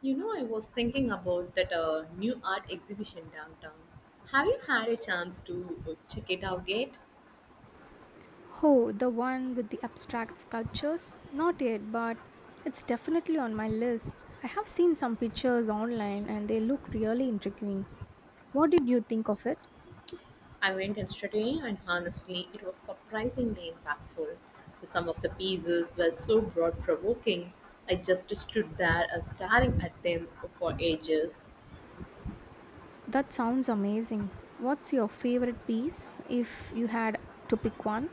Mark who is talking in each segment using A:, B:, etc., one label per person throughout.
A: You know, I was thinking about that new art exhibition downtown. Have you had a chance to check it out yet?
B: Oh, the one with the abstract sculptures? Not yet, but it's definitely on my list. I have seen some pictures online and they look really intriguing. What did you think of it?
A: I went yesterday, and honestly, it was surprisingly impactful. Some of the pieces were so broad provoking, I just stood there staring at them for ages.
B: That sounds amazing. What's your favorite piece if you had to pick one?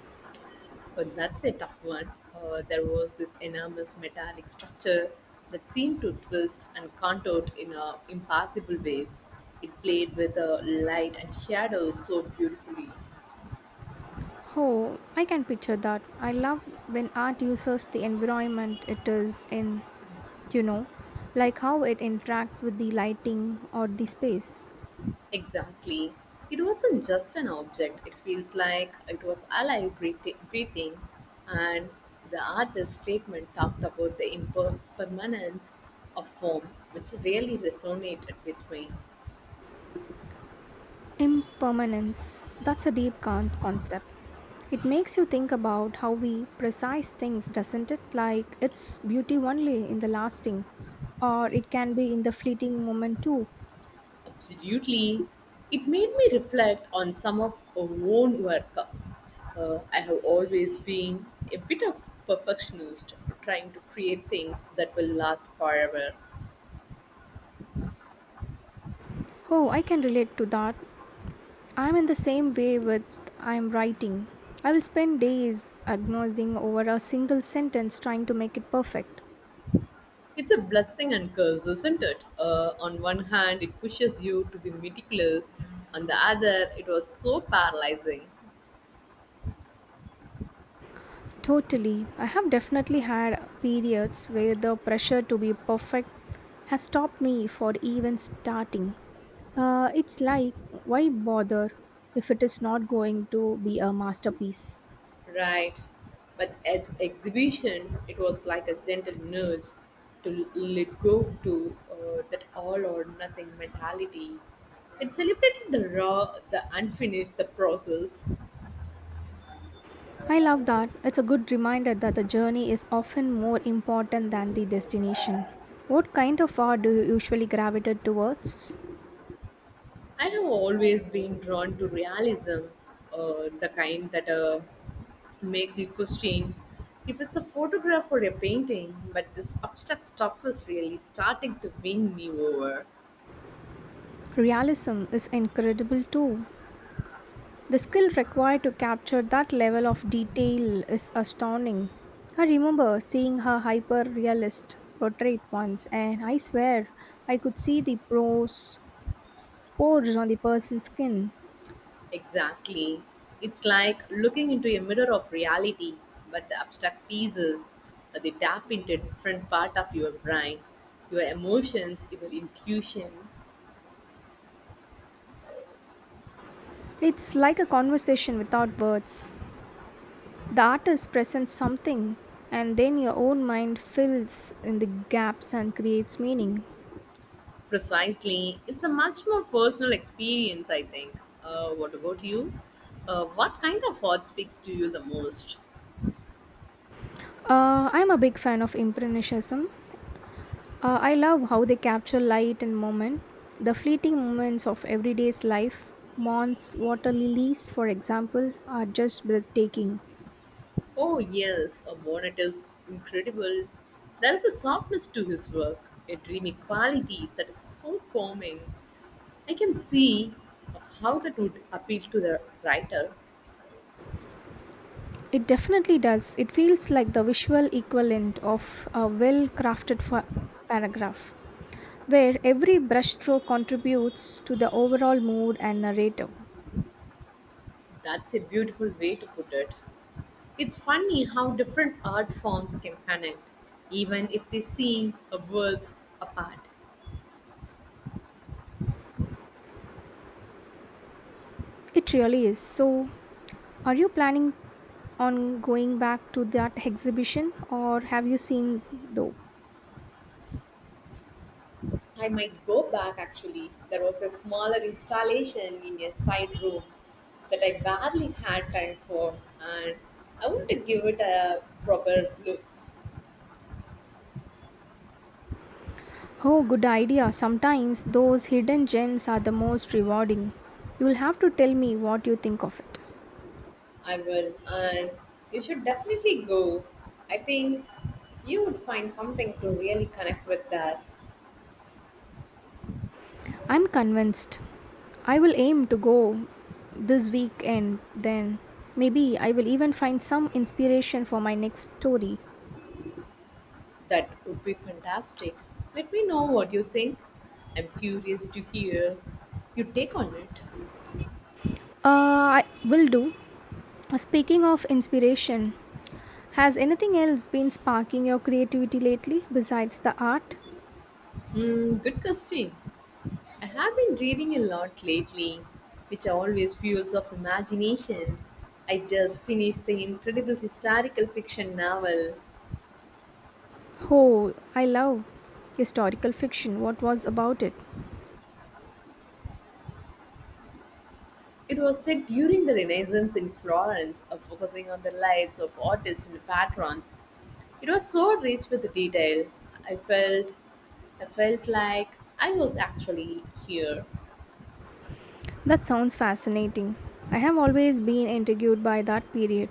A: But that's a tough one. There was this enormous metallic structure that seemed to twist and contort in impossible ways. It played with light and shadows so beautifully.
B: Oh, I can picture that. I love when art uses the environment it is in, you know, like how it interacts with the lighting or the space.
A: Exactly. It wasn't just an object, it feels like it was alive, breathing. And the artist's statement talked about the impermanence of form, which really resonated with me.
B: Impermanence. That's a deep concept. It makes you think about how we precise things, doesn't it? Like its beauty only in the lasting, or it can be in the fleeting moment too.
A: Absolutely. It made me reflect on some of our own work. I have always been a bit of perfectionist, trying to create things that will last forever.
B: Oh, I can relate to that. I'm in the same way with I'm writing. I will spend days agonizing over a single sentence trying to make it perfect.
A: It's a blessing and curse, isn't it? On one hand, it pushes you to be meticulous. On the other, it was so paralyzing.
B: Totally. I have definitely had periods where the pressure to be perfect has stopped me for even starting. It's like, why bother if it is not going to be a masterpiece?
A: Right. But at exhibition, it was like a gentle nudge to let go to that all or nothing mentality. It celebrated the raw, the unfinished, the process.
B: I love that. It's a good reminder that the journey is often more important than the destination. What kind of art do you usually gravitate towards?
A: I have always been drawn to realism, the kind that makes you question if it's a photograph or a painting, but this abstract stuff is really starting to win me over.
B: Realism is incredible too. The skill required to capture that level of detail is astounding. I remember seeing her hyper realist portrait once, and I swear I could see the pores on the person's skin.
A: Exactly. It's like looking into a mirror of reality, but the abstract pieces, they tap into a different part of your brain, your emotions, your intuition.
B: It's like a conversation without words. The artist presents something, and then your own mind fills in the gaps and creates meaning.
A: Precisely. It's a much more personal experience, I think. What about you? What kind of art speaks to you the most?
B: I'm a big fan of Impressionism. I love how they capture light and moment, the fleeting moments of everyday's life. Months, water lilies, for example, are just breathtaking.
A: Oh, yes, a bonnet is incredible. There is a softness to his work, a dreamy quality that is so calming. I can see how that would appeal to the writer.
B: It definitely does. It feels like the visual equivalent of a well crafted paragraph, where every brushstroke contributes to the overall mood and narrative.
A: That's a beautiful way to put it. It's funny how different art forms can connect, even if they seem worlds apart.
B: It really is. So, are you planning on going back to that exhibition or have you seen though?
A: I might go back actually. There was a smaller installation in a side room that I barely had time for, and I wanted to give it a proper look.
B: Oh, good idea. Sometimes those hidden gems are the most rewarding. You'll have to tell me what you think of it.
A: I will, and you should definitely go. I think you would find something to really connect with that.
B: I'm convinced. I will aim to go this weekend then. Maybe I will even find some inspiration for my next story.
A: That would be fantastic. Let me know what you think. I'm curious to hear your take on it.
B: I will do. Speaking of inspiration, has anything else been sparking your creativity lately besides the art?
A: Hmm, good question. I have been reading a lot lately, which always fuels of imagination. I just finished the incredible historical fiction novel.
B: Oh, I love historical fiction. What was about it?
A: It was set during the Renaissance in Florence, focusing on the lives of artists and patrons. It was so rich with detail. I felt I felt like I was actually here.
B: That sounds fascinating. I have always been intrigued by that period,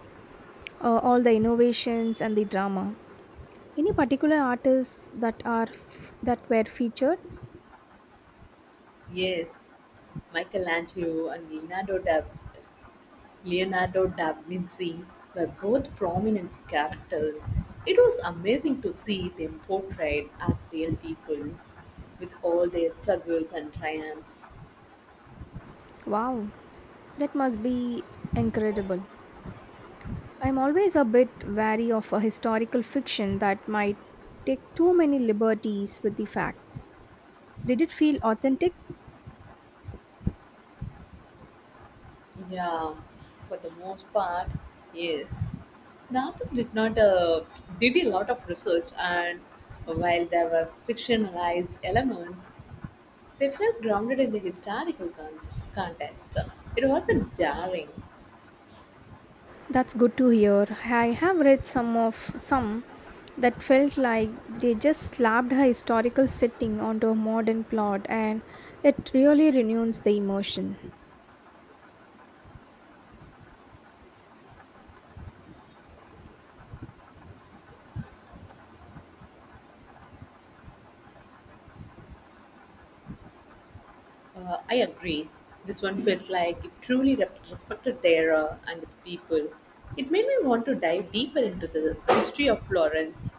B: all the innovations and the drama. Any particular artists that are that were featured?
A: Yes, Michelangelo and Leonardo da Vinci were both prominent characters. It was amazing to see them portrayed as real people with all their struggles and triumphs.
B: Wow, that must be incredible. I'm always a bit wary of a historical fiction that might take too many liberties with the facts. Did it feel authentic?
A: Yeah, for the most part, yes. Nathan did not did a lot of research, and while there were fictionalized elements, they felt grounded in the historical context. It wasn't jarring.
B: That's good to hear. I have read some that felt like they just slapped a historical setting onto a modern plot and it really renews the emotion.
A: I agree. This one felt like it truly respected the era and its people. It made me want to dive deeper into the history of Florence.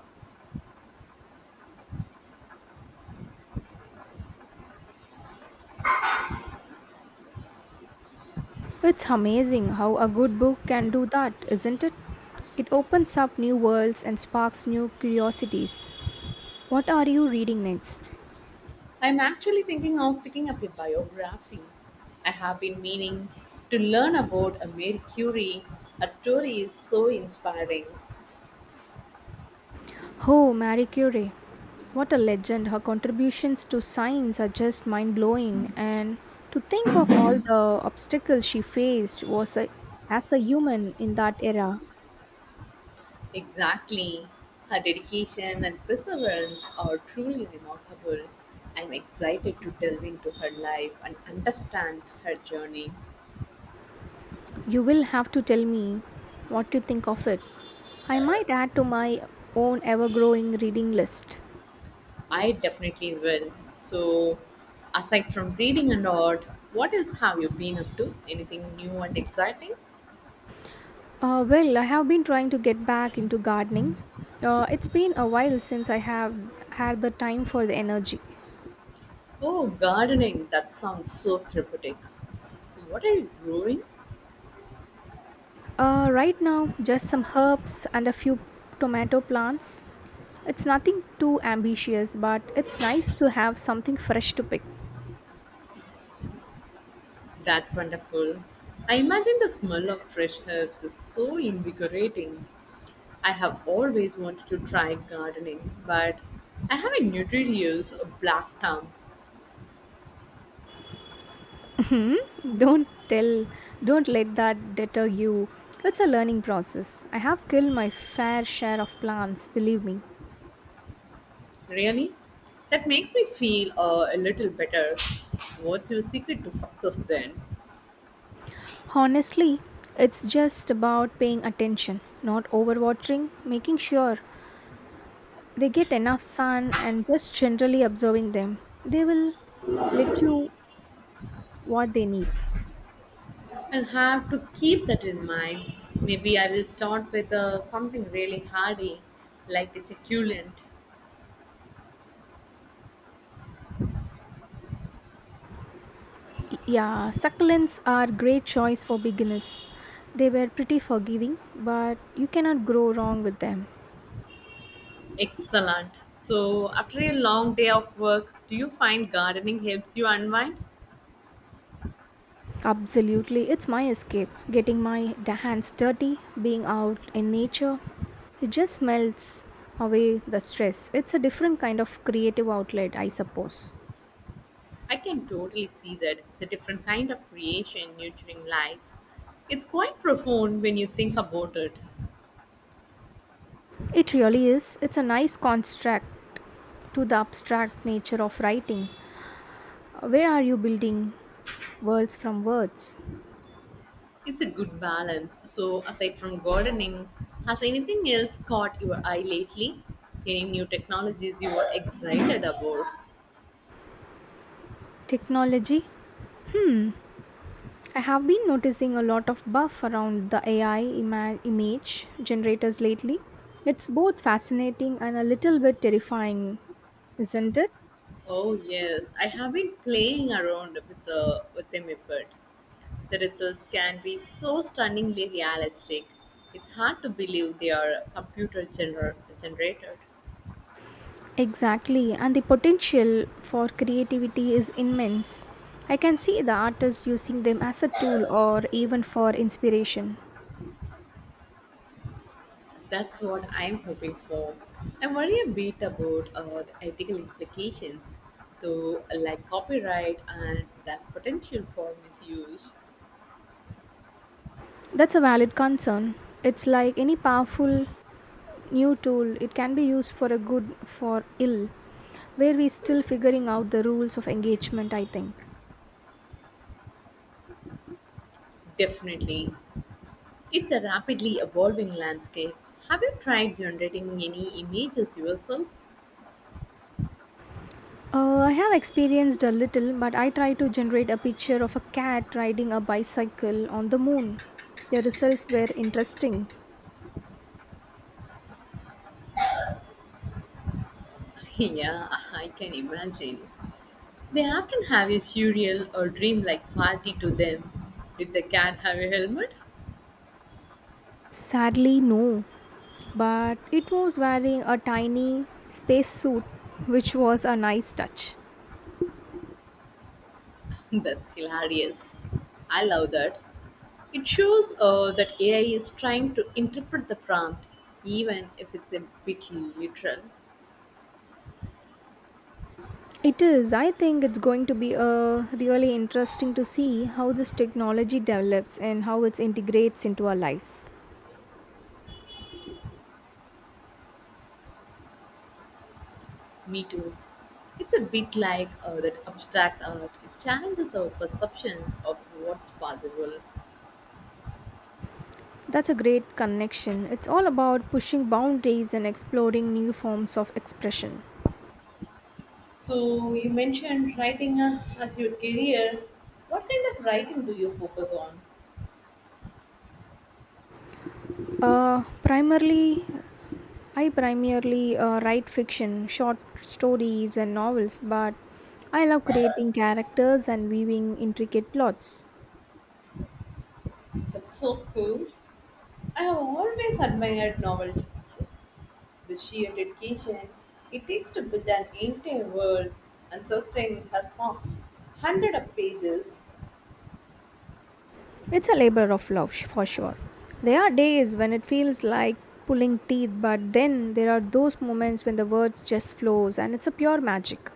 B: It's amazing how a good book can do that, isn't it? It opens up new worlds and sparks new curiosities. What are you reading next?
A: I'm actually thinking of picking up a biography. I have been meaning to learn about a Mary Curie. Her story is so inspiring.
B: Oh, Marie Curie. What a legend. Her contributions to science are just mind blowing. And to think of all the obstacles she faced as a human in that era.
A: Exactly. Her dedication and perseverance are truly remarkable. I'm excited to delve into her life and understand her journey.
B: You will have to tell me what you think of it. I might add to my own ever growing reading list.
A: I definitely will. So, aside from reading and art, what else have you been up to? Anything new and exciting?
B: Well, I have been trying to get back into gardening. It's been a while since I have had the time for the energy.
A: Oh, gardening. That sounds so therapeutic. What are you growing?
B: Right now, just some herbs and a few tomato plants. It's nothing too ambitious, but it's nice to have something fresh to pick.
A: That's wonderful. I imagine the smell of fresh herbs is so invigorating. I have always wanted to try gardening, but I have a nutritious black thumb.
B: Don't tell, don't let that deter you. It's a learning process. I have killed my fair share of plants, believe me.
A: Really? That makes me feel a little better. What's your secret to success then?
B: Honestly, it's just about paying attention, not overwatering, making sure they get enough sun, and just generally observing them. They will let you what they need.
A: I'll have to keep that in mind. Maybe I will start with something really hardy, like a succulent.
B: Yeah, succulents are great choice for beginners. They were pretty forgiving, but you cannot grow wrong with them.
A: Excellent. So, after a long day of work, do you find gardening helps you unwind?
B: Absolutely, it's my escape. Getting my hands dirty, being out in nature, it just melts away the stress. It's a different kind of creative outlet, I suppose.
A: I can totally see that. It's a different kind of creation, nurturing life. It's quite profound when you think about it.
B: It really is. It's a nice contrast to the abstract nature of writing. Where are you building worlds from words?
A: It's a good balance. So, aside from gardening, has anything else caught your eye lately? Any new technologies you are excited about?
B: Technology I have been noticing a lot of buff around the AI image generators lately. It's both fascinating and a little bit terrifying, isn't it?
A: Oh yes, I have been playing around with them a bit. The results can be so stunningly realistic. It's hard to believe they are computer generated.
B: Exactly, and the potential for creativity is immense. I can see the artists using them as a tool or even for inspiration.
A: That's what I'm hoping for. I worry a bit about the ethical implications, though, like copyright and the potential for misuse.
B: That's a valid concern. It's like any powerful new tool, it can be used for a good, for ill, where we're still figuring out the rules of engagement, I think.
A: Definitely, it's a rapidly evolving landscape. Have you tried generating any images yourself?
B: I have experienced a little, but I tried to generate a picture of a cat riding a bicycle on the moon. The results were interesting.
A: Yeah, I can imagine. They often have a surreal or dreamlike quality to them. If they can't have a helmet,
B: Sadly, no, but it was wearing a tiny spacesuit, which was a nice touch.
A: that's hilarious. I love that. It shows that AI is trying to interpret the prompt, even if it's a bit literal.
B: It is, I think it's going to be really interesting to see how this technology develops and how it integrates into our lives.
A: Me too. It's a bit like that abstract art. It challenges our perceptions of what's possible.
B: That's a great connection. It's all about pushing boundaries and exploring new forms of expression.
A: So you mentioned writing as your career. What kind of writing do you focus on?
B: Uh, primarily, I primarily write fiction, short stories, and novels, but I love creating characters and weaving intricate plots.
A: That's so cool. I have always admired novels. The sheer dedication it takes to build an entire world and sustain a form. Hundred of pages.
B: It's a labor of love, for sure. There are days when it feels like pulling teeth, but then there are those moments when the words just flows and it's a pure magic.